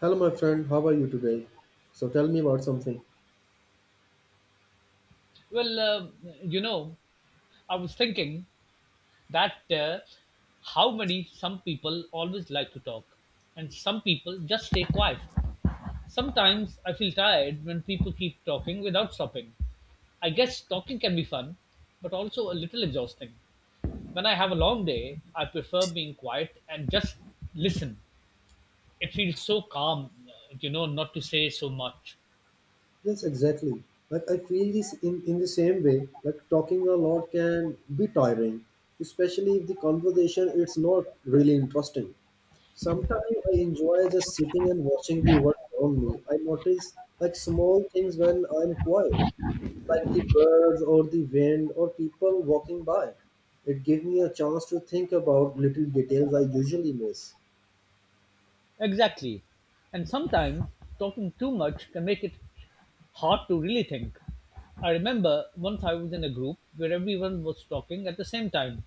Hello, my friend. How are you today? So tell me about something. Well, you know, I was thinking that how many some people always like to talk, and some people just stay quiet. Sometimes I feel tired when people keep talking without stopping. I guess talking can be fun, but also a little exhausting. When I have a long day, I prefer being quiet and just listen. It feels so calm, not to say so much. Yes, exactly. Like I feel this in the same way. Like talking a lot can be tiring, especially if the conversation it's not really interesting. Sometimes I enjoy just sitting and watching the world around me. I notice like small things when I'm quiet, like the birds or the wind or people walking by. It gives me a chance to think about little details I usually miss. Exactly. And sometimes talking too much can make it hard to really think. I remember once I was in a group where everyone was talking at the same time.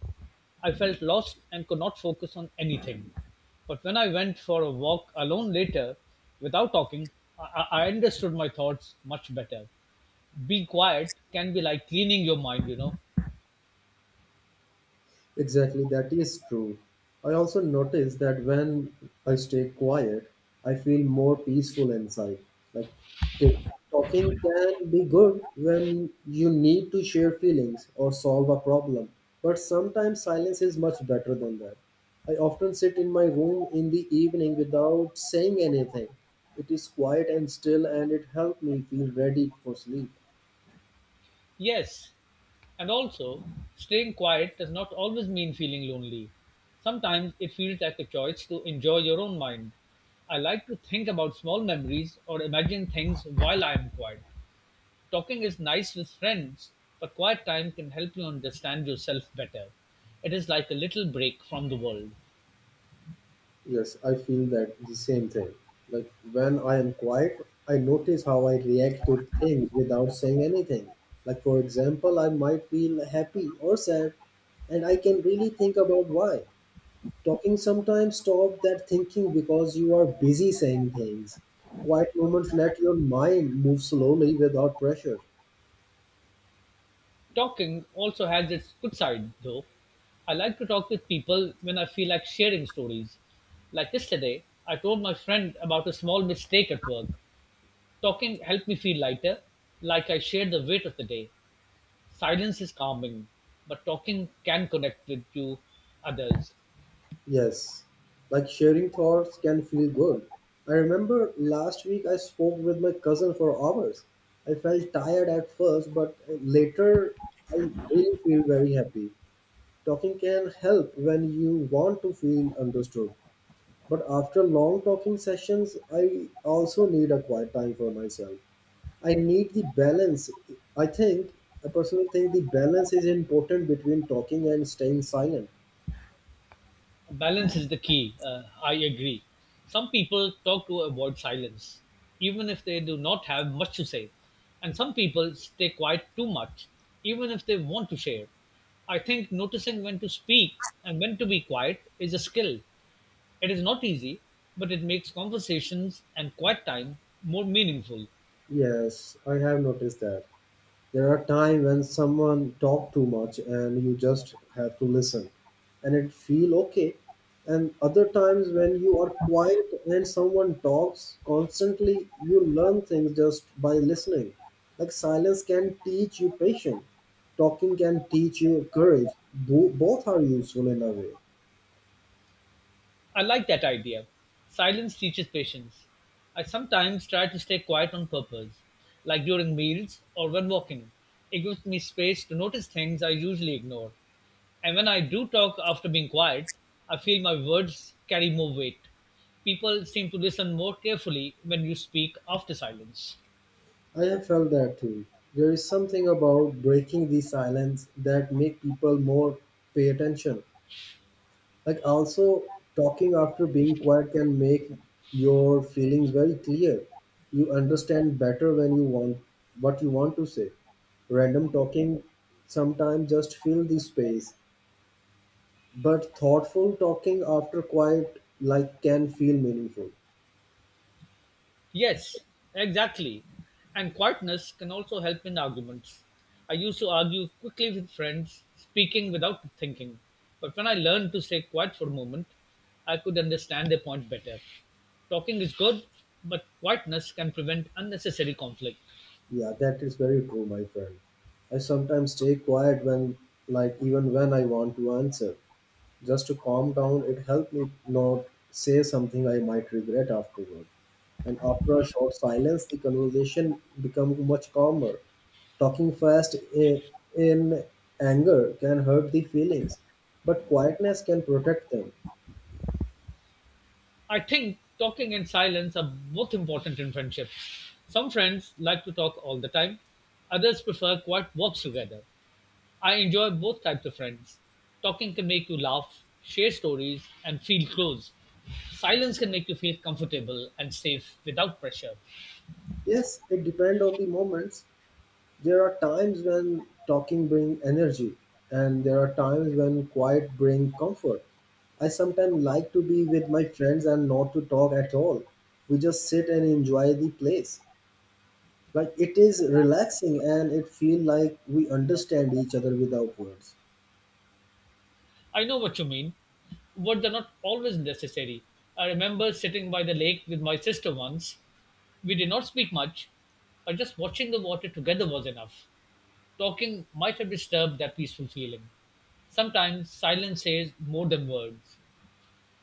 I felt lost and could not focus on anything. But when I went for a walk alone later, without talking, I understood my thoughts much better. Being quiet can be like cleaning your mind. Exactly, that is true. I also notice that when I stay quiet, I feel more peaceful inside. Like t- talking can be good when you need to share feelings or solve a problem, but sometimes silence is much better than that. I often sit in my room in the evening without saying anything. It is quiet and still, and it helps me feel ready for sleep. Yes, and also, staying quiet does not always mean feeling lonely. Sometimes it feels like a choice to enjoy your own mind. I like to think about small memories or imagine things while I am quiet. Talking is nice with friends, but quiet time can help you understand yourself better. It is like a little break from the world. Yes, I feel that the same thing. Like when I am quiet, I notice how I react to things without saying anything. Like, for example, I might feel happy or sad, and I can really think about why. Talking sometimes stops that thinking because you are busy saying things. Quiet moments let your mind move slowly without pressure. Talking also has its good side, though. I like to talk with people when I feel like sharing stories. Like yesterday, I told my friend about a small mistake at work. Talking helped me feel lighter, like I shared the weight of the day. Silence is calming, but talking can connect with you others. Yes, like sharing thoughts can feel good. I remember last week I spoke with my cousin for hours. I felt tired at first, but later I really feel very happy. Talking can help when you want to feel understood. But after long talking sessions, I also need a quiet time for myself. I need the balance. I think, I personally think the balance is important between talking and staying silent. Balance is the key. I agree. Some people talk to avoid silence, even if they do not have much to say. And some people stay quiet too much, even if they want to share. I think noticing when to speak and when to be quiet is a skill. It is not easy, but it makes conversations and quiet time more meaningful. Yes, I have noticed that. There are times when someone talk too much and you just have to listen and it feel okay. And other times when you are quiet and someone talks constantly, you learn things just by listening. Like silence can teach you patience. Talking can teach you courage. Both are useful in a way. I like that idea. Silence teaches patience. I sometimes try to stay quiet on purpose, like during meals or when walking. It gives me space to notice things I usually ignore. And when I do talk after being quiet, I feel my words carry more weight. People seem to listen more carefully when you speak after silence. I have felt that too. There is something about breaking the silence that make people more pay attention. Like also talking after being quiet can make your feelings very clear. You understand better when you want what you want to say. Random talking sometimes just fill the space, but thoughtful talking after quiet like can feel meaningful. Yes, exactly. And quietness can also help in arguments. I used to argue quickly with friends, speaking without thinking. But when I learned to stay quiet for a moment, I could understand their point better. Talking is good, but quietness can prevent unnecessary conflict. Yeah, that is very true, my friend. I sometimes stay quiet when like even when I want to answer. Just to calm down it helped me not say something I might regret afterward, and after a short silence the conversation became much calmer. Talking fast i- in anger can hurt the feelings, but quietness can protect them. I think talking and silence are both important in friendships. Some friends like to talk all the time, others prefer quiet walks together. I enjoy both types of friends. Talking can make you laugh, share stories, and feel close. Silence can make you feel comfortable and safe without pressure. Yes, it depends on the moments. There are times when talking brings energy, and there are times when quiet brings comfort. I sometimes like to be with my friends and not to talk at all. We just sit and enjoy the place. Like it is relaxing and it feels like we understand each other without words. I know what you mean. Words are not always necessary. I remember sitting by the lake with my sister once. We did not speak much, but just watching the water together was enough. Talking might have disturbed that peaceful feeling. Sometimes silence says more than words.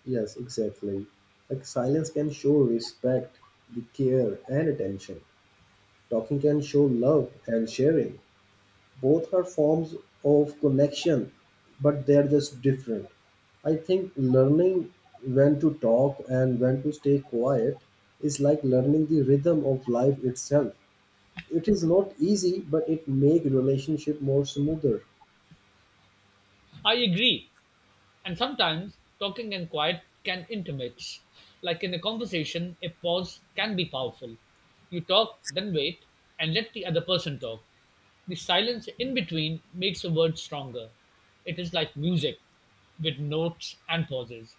Yes, exactly. Like silence can show respect, the care and attention. Talking can show love and sharing. Both are forms of connection, but they're just different. I think learning when to talk and when to stay quiet is like learning the rhythm of life itself. It is not easy, but it make relationship more smoother. I agree. And sometimes, talking and quiet can intermix. Like in a conversation, a pause can be powerful. You talk, then wait, and let the other person talk. The silence in between makes a word stronger. It is like music with notes and pauses.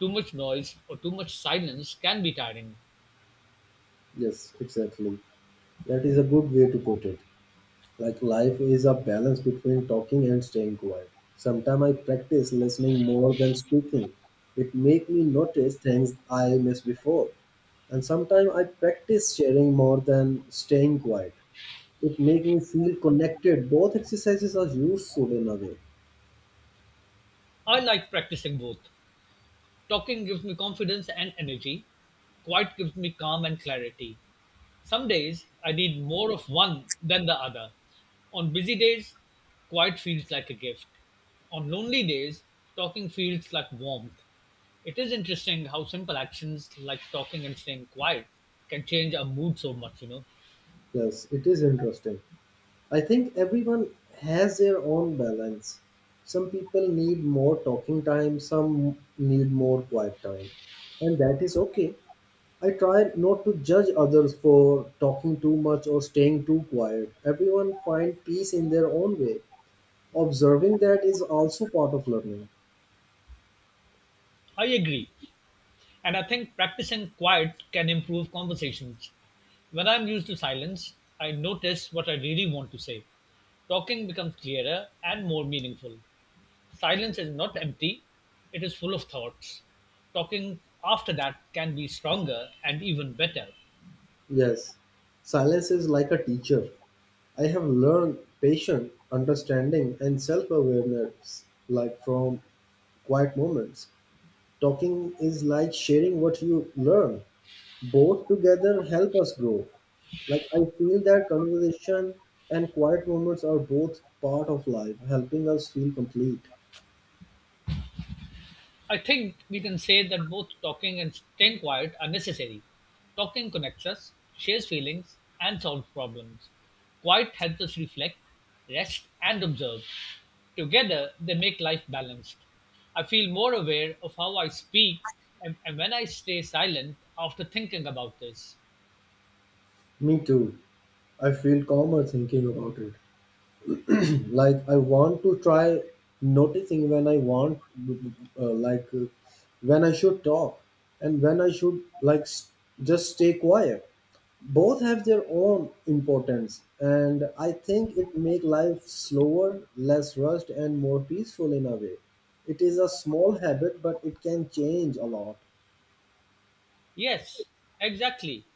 Too much noise or too much silence can be tiring. Yes, exactly. That is a good way to put it. Like life is a balance between talking and staying quiet. Sometimes I practice listening more than speaking. It make me notice things I missed before. And sometimes I practice sharing more than staying quiet. It make me feel connected. Both exercises are useful in a way. I like practicing both. Talking gives me confidence and energy. Quiet gives me calm and clarity. Some days I need more of one than the other. On busy days, quiet feels like a gift. On lonely days, talking feels like warmth. It is interesting how simple actions like talking and staying quiet can change our mood so much. Yes, it is interesting. I think everyone has their own balance. Some people need more talking time, some need more quiet time. And that is okay. I try not to judge others for talking too much or staying too quiet. Everyone finds peace in their own way. Observing that is also part of learning. I agree. And I think practicing quiet can improve conversations. When I'm used to silence, I notice what I really want to say. Talking becomes clearer and more meaningful. Silence is not empty, it is full of thoughts. Talking after that can be stronger and even better. Yes, silence is like a teacher. I have learned patience, understanding, and self awareness, like from quiet moments. Talking is like sharing what you learn. Both together help us grow. Like I feel that conversation and quiet moments are both part of life, helping us feel complete. I think we can say that both talking and staying quiet are necessary. Talking connects us, shares feelings, and solves problems. Quiet helps us reflect, rest, and observe. Together, they make life balanced. I feel more aware of how I speak and when I stay silent after thinking about this. Me too. I feel calmer thinking about it. Like I want to try noticing when I want, uh, like uh, when I should talk, and when I should like just stay quiet. Both have their own importance, and I think it make life slower, less rushed and more peaceful in a way. It is a small habit, but it can change a lot. Yes, exactly.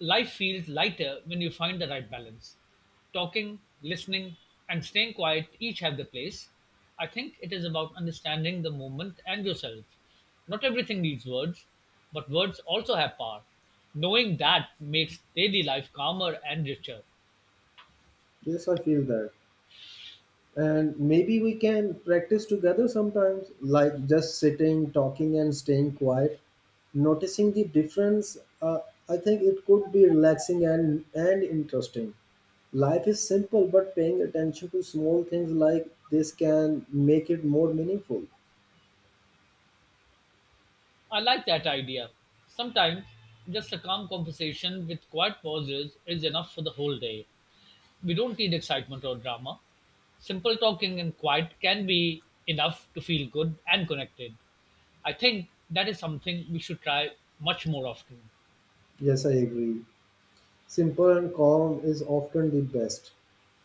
Life feels lighter when you find the right balance. Talking, listening, and staying quiet each have their place. I think it is about understanding the moment and yourself. Not everything needs words, but words also have power. Knowing that makes daily life calmer and richer. Yes, I feel that. And maybe we can practice together sometimes, like just sitting, talking, and staying quiet, noticing the difference. I think it could be relaxing and interesting. Life is simple, but paying attention to small things like this can make it more meaningful. I like that idea. Sometimes just a calm conversation with quiet pauses is enough for the whole day. We don't need excitement or drama. Simple talking and quiet can be enough to feel good and connected. I think that is something we should try much more often. Yes, I agree. Simple and calm is often the best.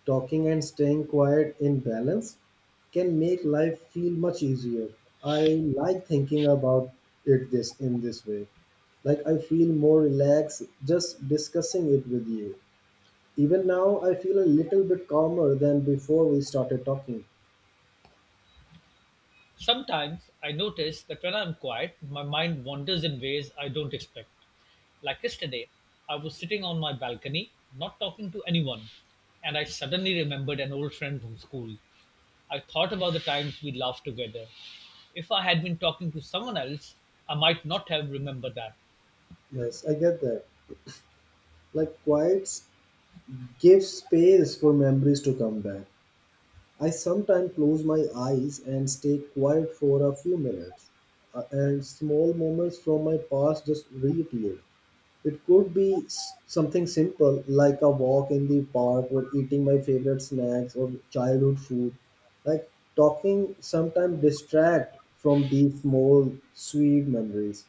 Talking and staying quiet in balance can make life feel much easier. I like thinking about it this in this way. Like I feel more relaxed just discussing it with you. Even now I feel a little bit calmer than before we started talking. Sometimes I notice that when I'm quiet, my mind wanders in ways I don't expect. Like yesterday, I was sitting on my balcony, not talking to anyone, and I suddenly remembered an old friend from school. I thought about the times we laughed together. If I had been talking to someone else, I might not have remembered that. Yes, I get that. Like quiet gives space for memories to come back. I sometimes close my eyes and stay quiet for a few minutes, and small moments from my past just reappear. It could be something simple like a walk in the park, or eating my favorite snacks or childhood food. Like talking sometimes distract from these small sweet memories.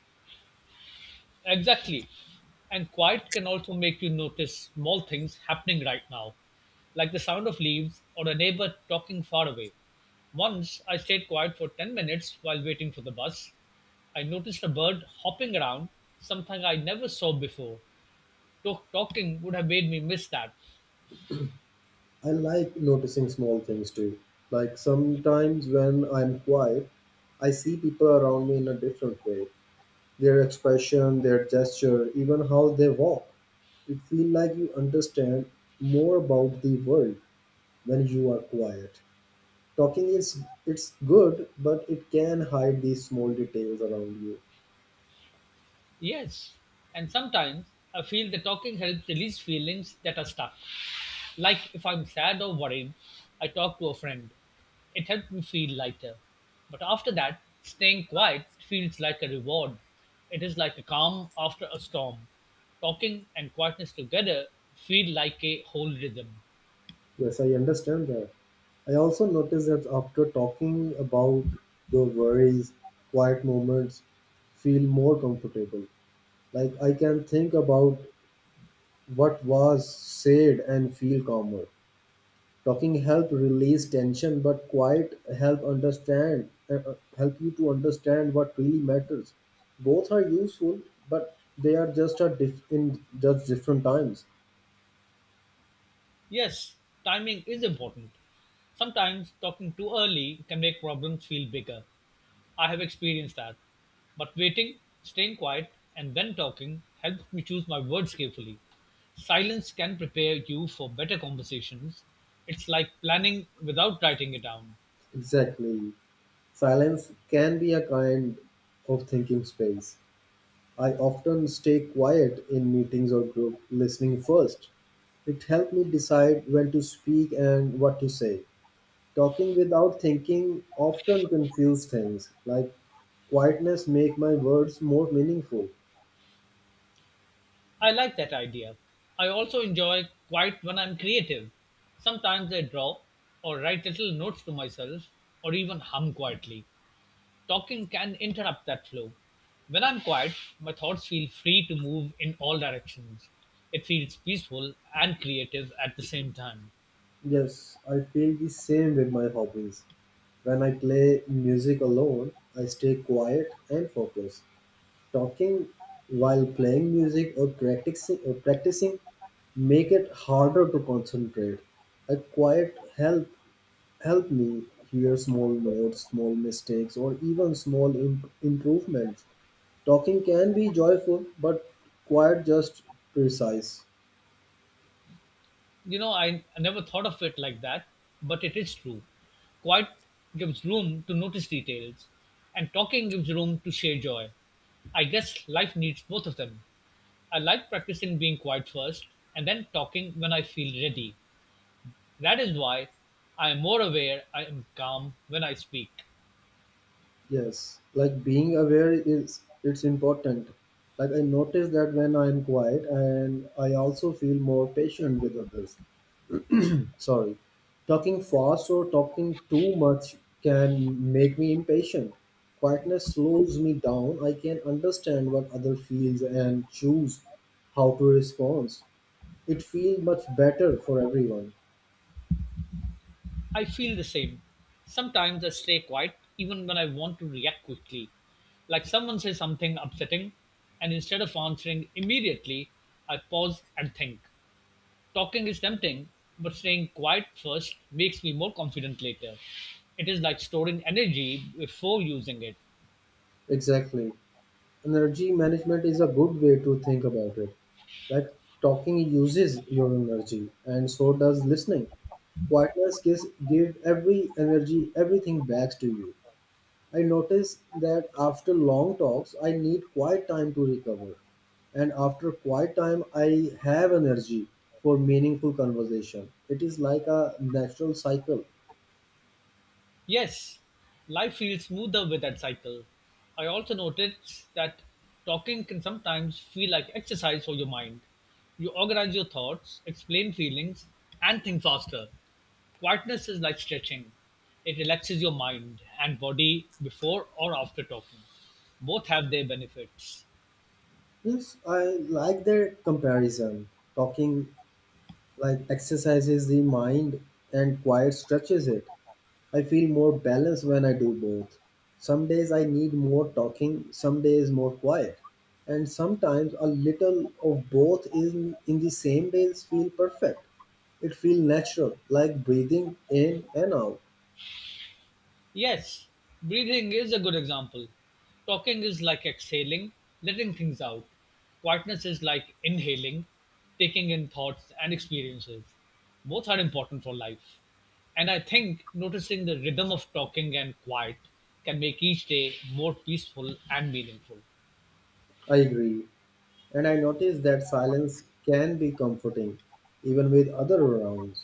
Exactly. And quiet can also make you notice small things happening right now, like the sound of leaves or a neighbor talking far away. Once I stayed quiet for 10 minutes while waiting for the bus. I noticed a bird hopping around, something I never saw before. Talking would have made me miss that. I like noticing small things too. Like sometimes when I'm quiet, I see people around me in a different way. Their expression, their gesture, even how they walk. It feels like you understand more about the world when you are quiet. Talking is it's good, but it can hide these small details around you. Yes, and sometimes I feel the talking helps release feelings that are stuck. Like if I'm sad or worried, I talk to a friend. It helps me feel lighter. But after that, staying quiet feels like a reward. It is like a calm after a storm. Talking and quietness together feel like a whole rhythm. Yes, I understand that. I also noticed that after talking about your worries, quiet moments feel more comfortable. Like I can think about what was said and feel calmer. Talking help release tension, but quiet help understand help you to understand what really matters. Both are useful, but they are just at diff- in just different times. Yes, timing is important. Sometimes talking too early can make problems feel bigger. I have experienced that. But waiting, staying quiet, and then talking helps me choose my words carefully. Silence can prepare you for better conversations. It's like planning without writing it down. Exactly. Silence can be a kind of thinking space. I often stay quiet in meetings or group, listening first. It helped me decide when to speak and what to say. Talking without thinking often confuse things, like quietness make my words more meaningful. I like that idea. I also enjoy quiet when I'm creative. Sometimes I draw or write little notes to myself or even hum quietly. Talking can interrupt that flow. When I'm quiet, my thoughts feel free to move in all directions. It feels peaceful and creative at the same time. Yes, I feel the same with my hobbies. When I play music alone, I stay quiet and focused. Talking while playing music or practicing make it harder to concentrate. A quiet help me hear small notes, small mistakes, or even small improvements. Talking can be joyful, but quiet just precise. You know, I never thought of it like that, but it is true. Quiet gives room to notice details, and talking gives room to share joy. I guess life needs both of them. I like practicing being quiet first and then talking when I feel ready. That is why I am more aware I am calm when I speak. Yes, like being aware is it's important. Like I notice that when I am quiet and I also feel more patient with others. Sorry. Talking fast or talking too much can make me impatient. Quietness slows me down. I can understand what other feels and choose how to respond. It feels much better for everyone. I feel the same. Sometimes I stay quiet even when I want to react quickly. Like someone says something upsetting, and instead of answering immediately, I pause and think. Talking is tempting, but staying quiet first makes me more confident later. It is like storing energy before using it. Exactly. Energy management is a good way to think about it. Like talking uses your energy, and so does listening. Quietness gives give every energy, everything back to you. I notice that after long talks, I need quiet time to recover, and after quiet time, I have energy for meaningful conversation. It is like a natural cycle. Yes, life feels smoother with that cycle. I also noticed that talking can sometimes feel like exercise for your mind. You organize your thoughts, explain feelings, and think faster. Quietness is like stretching. It relaxes your mind and body before or after talking. Both have their benefits. Yes, I like that comparison. Talking like exercises the mind and quiet stretches it. I feel more balanced when I do both. Some days I need more talking, some days more quiet. And sometimes a little of both in the same days feel perfect. It feels natural, like breathing in and out. Yes, breathing is a good example. Talking is like exhaling, letting things out. Quietness is like inhaling, taking in thoughts and experiences. Both are important for life. And I think noticing the rhythm of talking and quiet can make each day more peaceful and meaningful. I agree. And I notice that silence can be comforting, even with other arounds.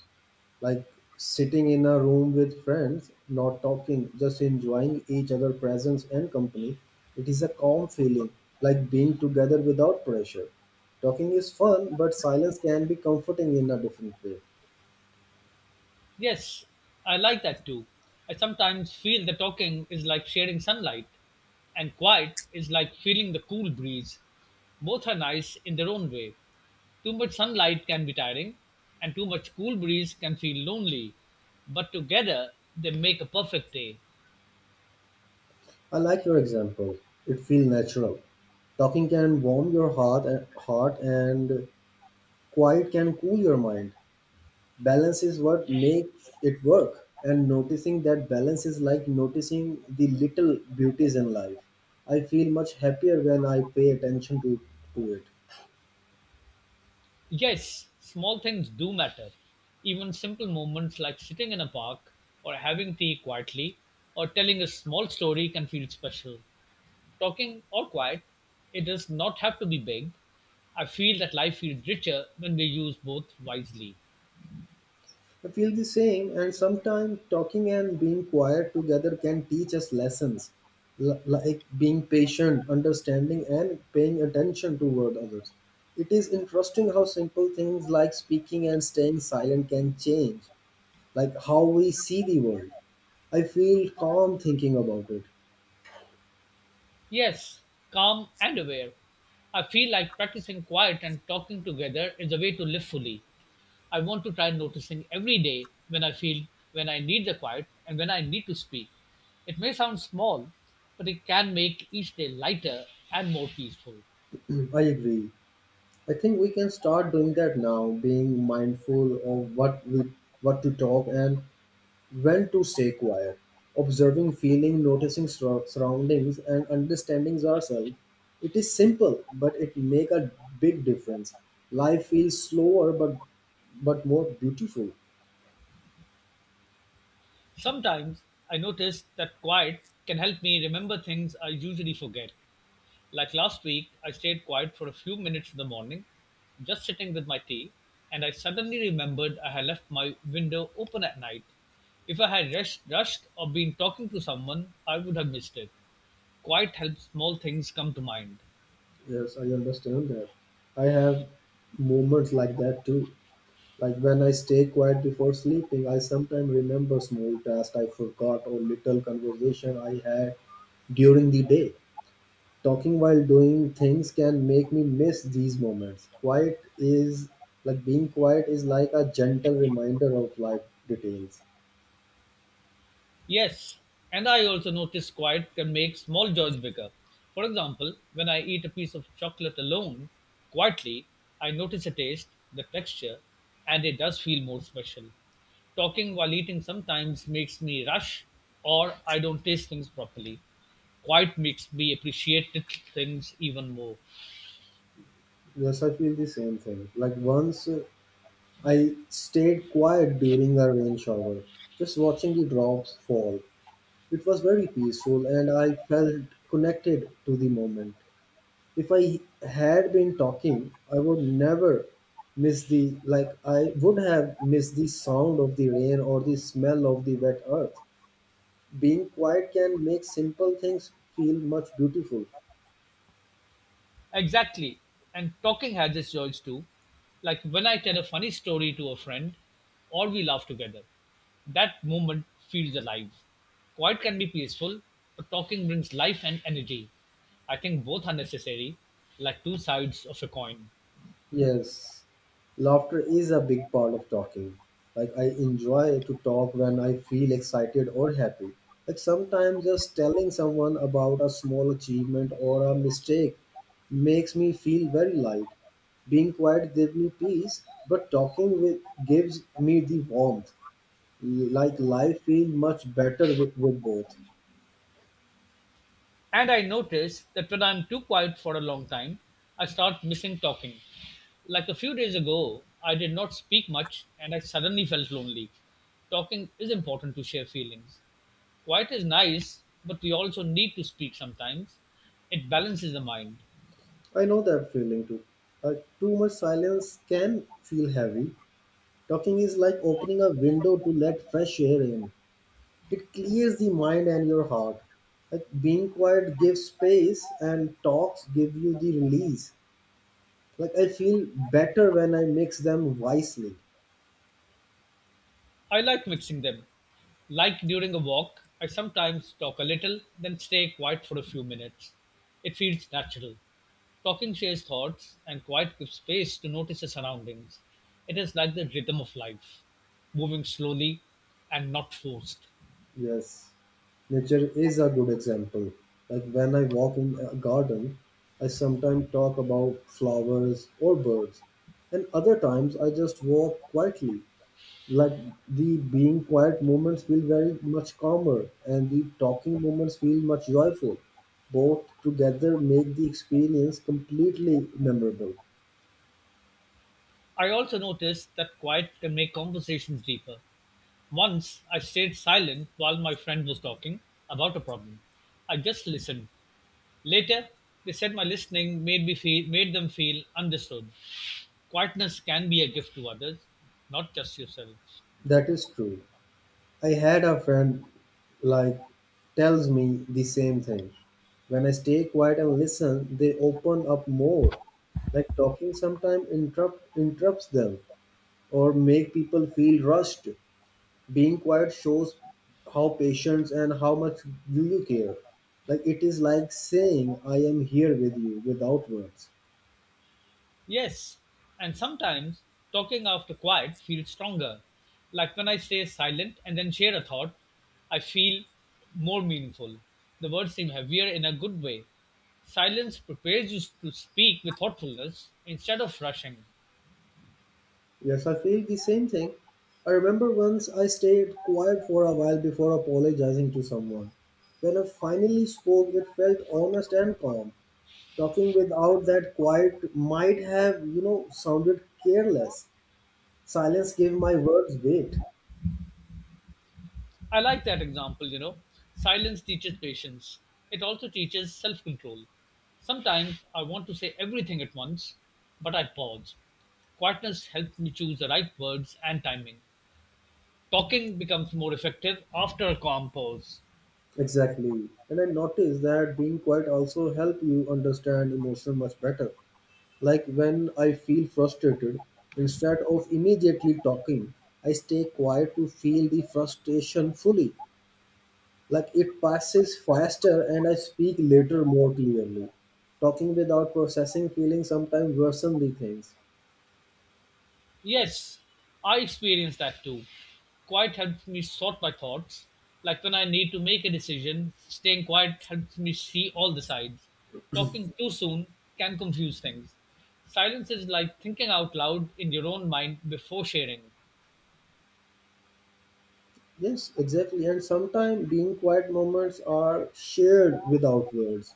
Like sitting in a room with friends, not talking, just enjoying each other' presence and company. It is a calm feeling, like being together without pressure. Talking is fun, but silence can be comforting in a different way. Yes, I like that too. I sometimes feel the talking is like sharing sunlight, and quiet is like feeling the cool breeze. Both are nice in their own way. Too much sunlight can be tiring, and too much cool breeze can feel lonely, but together they make a perfect day. I like your example. It feels natural. Talking can warm your heart, and quiet can cool your mind. Balance is what makes it work, and noticing that balance is like noticing the little beauties in life. I feel much happier when I pay attention to it. Yes, small things do matter. Even simple moments like sitting in a park, or having tea quietly, or telling a small story can feel special. Talking or quiet, it does not have to be big. I feel that life feels richer when we use both wisely. I feel the same, and sometimes talking and being quiet together can teach us lessons, like being patient, understanding and paying attention toward others. It is interesting how simple things like speaking and staying silent can change like how we see the world. I feel calm thinking about it. Yes, calm and aware. I feel like practicing quiet and talking together is a way to live fully. I want to try noticing every day when I feel when I need the quiet and when I need to speak. It may sound small, but it can make each day lighter and more peaceful. I agree. I think we can start doing that now, being mindful of what we what to talk and when to stay quiet. Observing feeling, noticing surroundings and understanding ourselves. It is simple, but it make a big difference. Life feels slower but more beautiful. Sometimes I notice that quiet can help me remember things I usually forget. Like last week, I stayed quiet for a few minutes in the morning, just sitting with my tea, and I suddenly remembered I had left my window open at night. If I had rushed or been talking to someone, I would have missed it. Quiet helps small things come to mind. Yes, I understand that. I have moments like that too. Like when I stay quiet before sleeping, I sometimes remember small tasks I forgot or little conversation I had during the day. Talking while doing things can make me miss these moments. Quiet is like being quiet is like a gentle reminder of life details. Yes, and I also notice quiet can make small joys bigger. For example, when I eat a piece of chocolate alone, quietly, I notice the taste, the texture, and it does feel more special. Talking while eating sometimes makes me rush or I don't taste things properly. Quiet makes me appreciate little things even more. Yes, I feel the same thing. Like once I stayed quiet during a rain shower, just watching the drops fall. It was very peaceful and I felt connected to the moment. If I had been talking, I would never miss the like I would have missed the sound of the rain or the smell of the wet earth. Being quiet can make simple things feel much beautiful. Exactly. And talking has its joys too. Like when I tell a funny story to a friend, or we laugh together. That moment feels alive. Quiet can be peaceful, but talking brings life and energy. I think both are necessary, like two sides of a coin. Yes, laughter is a big part of talking. Like I enjoy to talk when I feel excited or happy. Like sometimes just telling someone about a small achievement or a mistake makes me feel very light. Being quiet gives me peace, but talking with gives me the warmth. Like life feels much better with both. And I notice that when I'm too quiet for a long time, I start missing talking. Like a few days ago, I did not speak much and I suddenly felt lonely. Talking is important to share feelings. Quiet is nice, but we also need to speak sometimes. It balances the mind. I know that feeling too. Like too much silence can feel heavy. Talking is like opening a window to let fresh air in. It clears the mind and your heart. Like being quiet gives space and talks give you the release. Like I feel better when I mix them wisely. I like mixing them. Like during a walk, I sometimes talk a little, then stay quiet for a few minutes. It feels natural. Talking shares thoughts, and quiet gives space to notice the surroundings. It is like the rhythm of life, moving slowly and not forced. Yes, nature is a good example. Like when I walk in a garden, I sometimes talk about flowers or birds, and other times I just walk quietly, like the being quiet moments feel very much calmer and the talking moments feel much joyful. Both together make the experience completely memorable. I also notice that quiet can make conversations deeper. Once I stayed silent while my friend was talking about a problem. I just listened. Later, they said my listening made me feel made them feel understood. Quietness can be a gift to others, not just yourself. That is true. I had a friend, like, tells me the same thing. When I stay quiet and listen, they open up more. Like talking sometimes interrupts them or make people feel rushed. Being quiet shows how patience and how much do you care. Like it is like saying I am here with you without words. Yes, and sometimes talking after quiet feels stronger. Like when I stay silent and then share a thought, I feel more meaningful. The words seem heavier in a good way. Silence prepares you to speak with thoughtfulness instead of rushing. Yes, I feel the same thing. I remember once I stayed quiet for a while before apologizing to someone. When I finally spoke, it felt honest and calm. Talking without that quiet might have, sounded careless. Silence gave my words weight. I like that example, you know. Silence teaches patience. It also teaches self control. Sometimes I want to say everything at once, but I pause. Quietness helps me choose the right words and timing. Talking becomes more effective after a calm pause. Exactly. And I noticed that being quiet also help you understand emotion much better. Like when I feel frustrated, instead of immediately talking, I stay quiet to feel the frustration fully. Like it passes faster and I speak later more clearly. Talking without processing feelings sometimes worsen the things. Yes, I experience that too. Quiet helps me sort my thoughts. Like when I need to make a decision, staying quiet helps me see all the sides. Talking too soon can confuse things. Silence is like thinking out loud in your own mind before sharing. Yes, exactly. And sometimes being quiet moments are shared without words.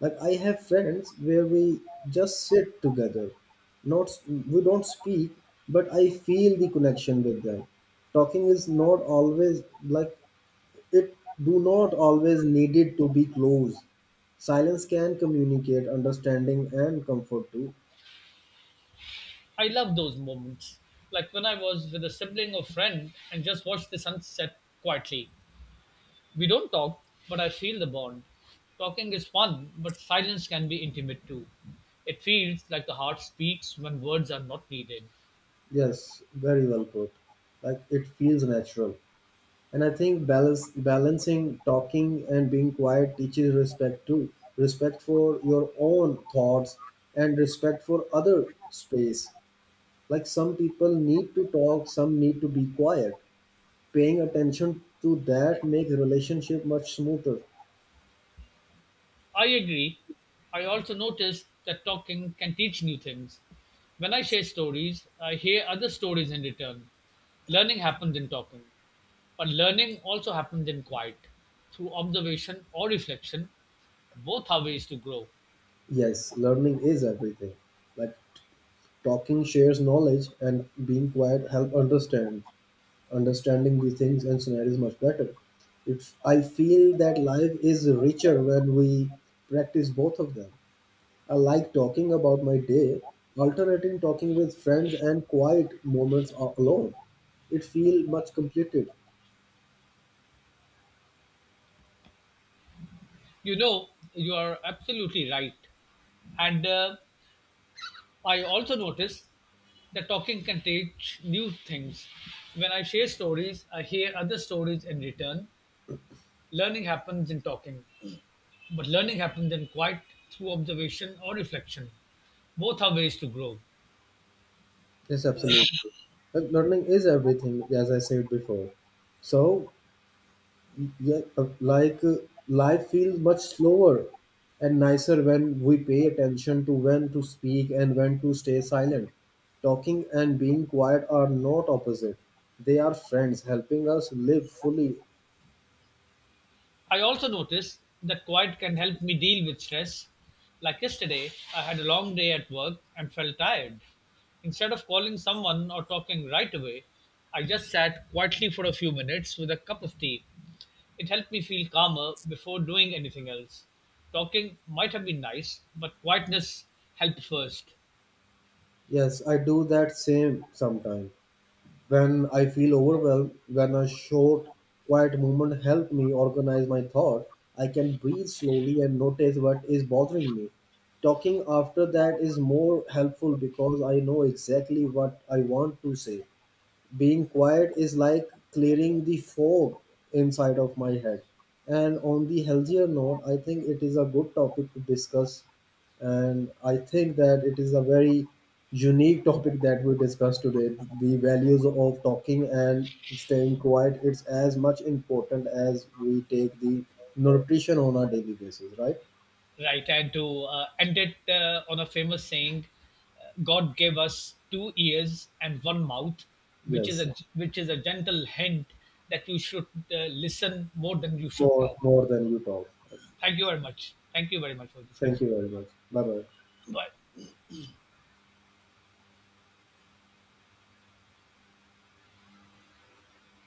Like I have friends where we just sit together. Not we don't speak, but I feel the connection with them. Talking is not always like it do not always needed to be close. Silence can communicate understanding and comfort too. I love those moments. Like when I was with a sibling or friend and just watched the sunset quietly. We don't talk, but I feel the bond. Talking is fun, but silence can be intimate too. It feels like the heart speaks when words are not needed. Yes, very well put. Like it feels natural. And I think balancing talking and being quiet teaches respect too. Respect for your own thoughts and respect for other space. Like some people need to talk, some need to be quiet. Paying attention to that makes relationship much smoother. I agree. I also noticed that talking can teach new things. When I share stories, I hear other stories in return. Learning happens in talking, but learning also happens in quiet, through observation or reflection. Both are ways to grow. Yes, learning is everything. Like talking shares knowledge and being quiet help understand. Understanding the things and scenarios much better. It's, I feel that life is richer when we practice both of them. I like talking about my day, alternating talking with friends and quiet moments alone. It feels much completed. You know, you are absolutely right. And I also notice that talking can teach new things. When I share stories, I hear other stories in return. Learning happens in talking, but learning happens in quiet through observation or reflection. Both are ways to grow. Yes, absolutely. But learning is everything, as I said before. So yeah, like life feels much slower and nicer when we pay attention to when to speak and when to stay silent. Talking and being quiet are not opposite. They are friends helping us live fully. I also notice that quiet can help me deal with stress. Like yesterday, I had a long day at work and felt tired. Instead of calling someone or talking right away, I just sat quietly for a few minutes with a cup of tea. It helped me feel calmer before doing anything else. Talking might have been nice, but quietness helped first. Yes, I do that same sometimes. When I feel overwhelmed, when a short, quiet moment helps me organize my thought, I can breathe slowly and notice what is bothering me. Talking after that is more helpful because I know exactly what I want to say. Being quiet is like clearing the fog inside of my head. And on the healthier note, I think it is a good topic to discuss. And I think that it is a very unique topic that we discussed today, the values of talking and staying quiet. It's as much important as we take the nutrition on a daily basis, right? Right? And to end it on a famous saying, God gave us two ears and one mouth, Yes, which is a gentle hint that you should listen more than you should more talk. more than you talk. Thank you Yes. very much. Thank you very much for the Thank discussion. you very much. Bye bye. Bye.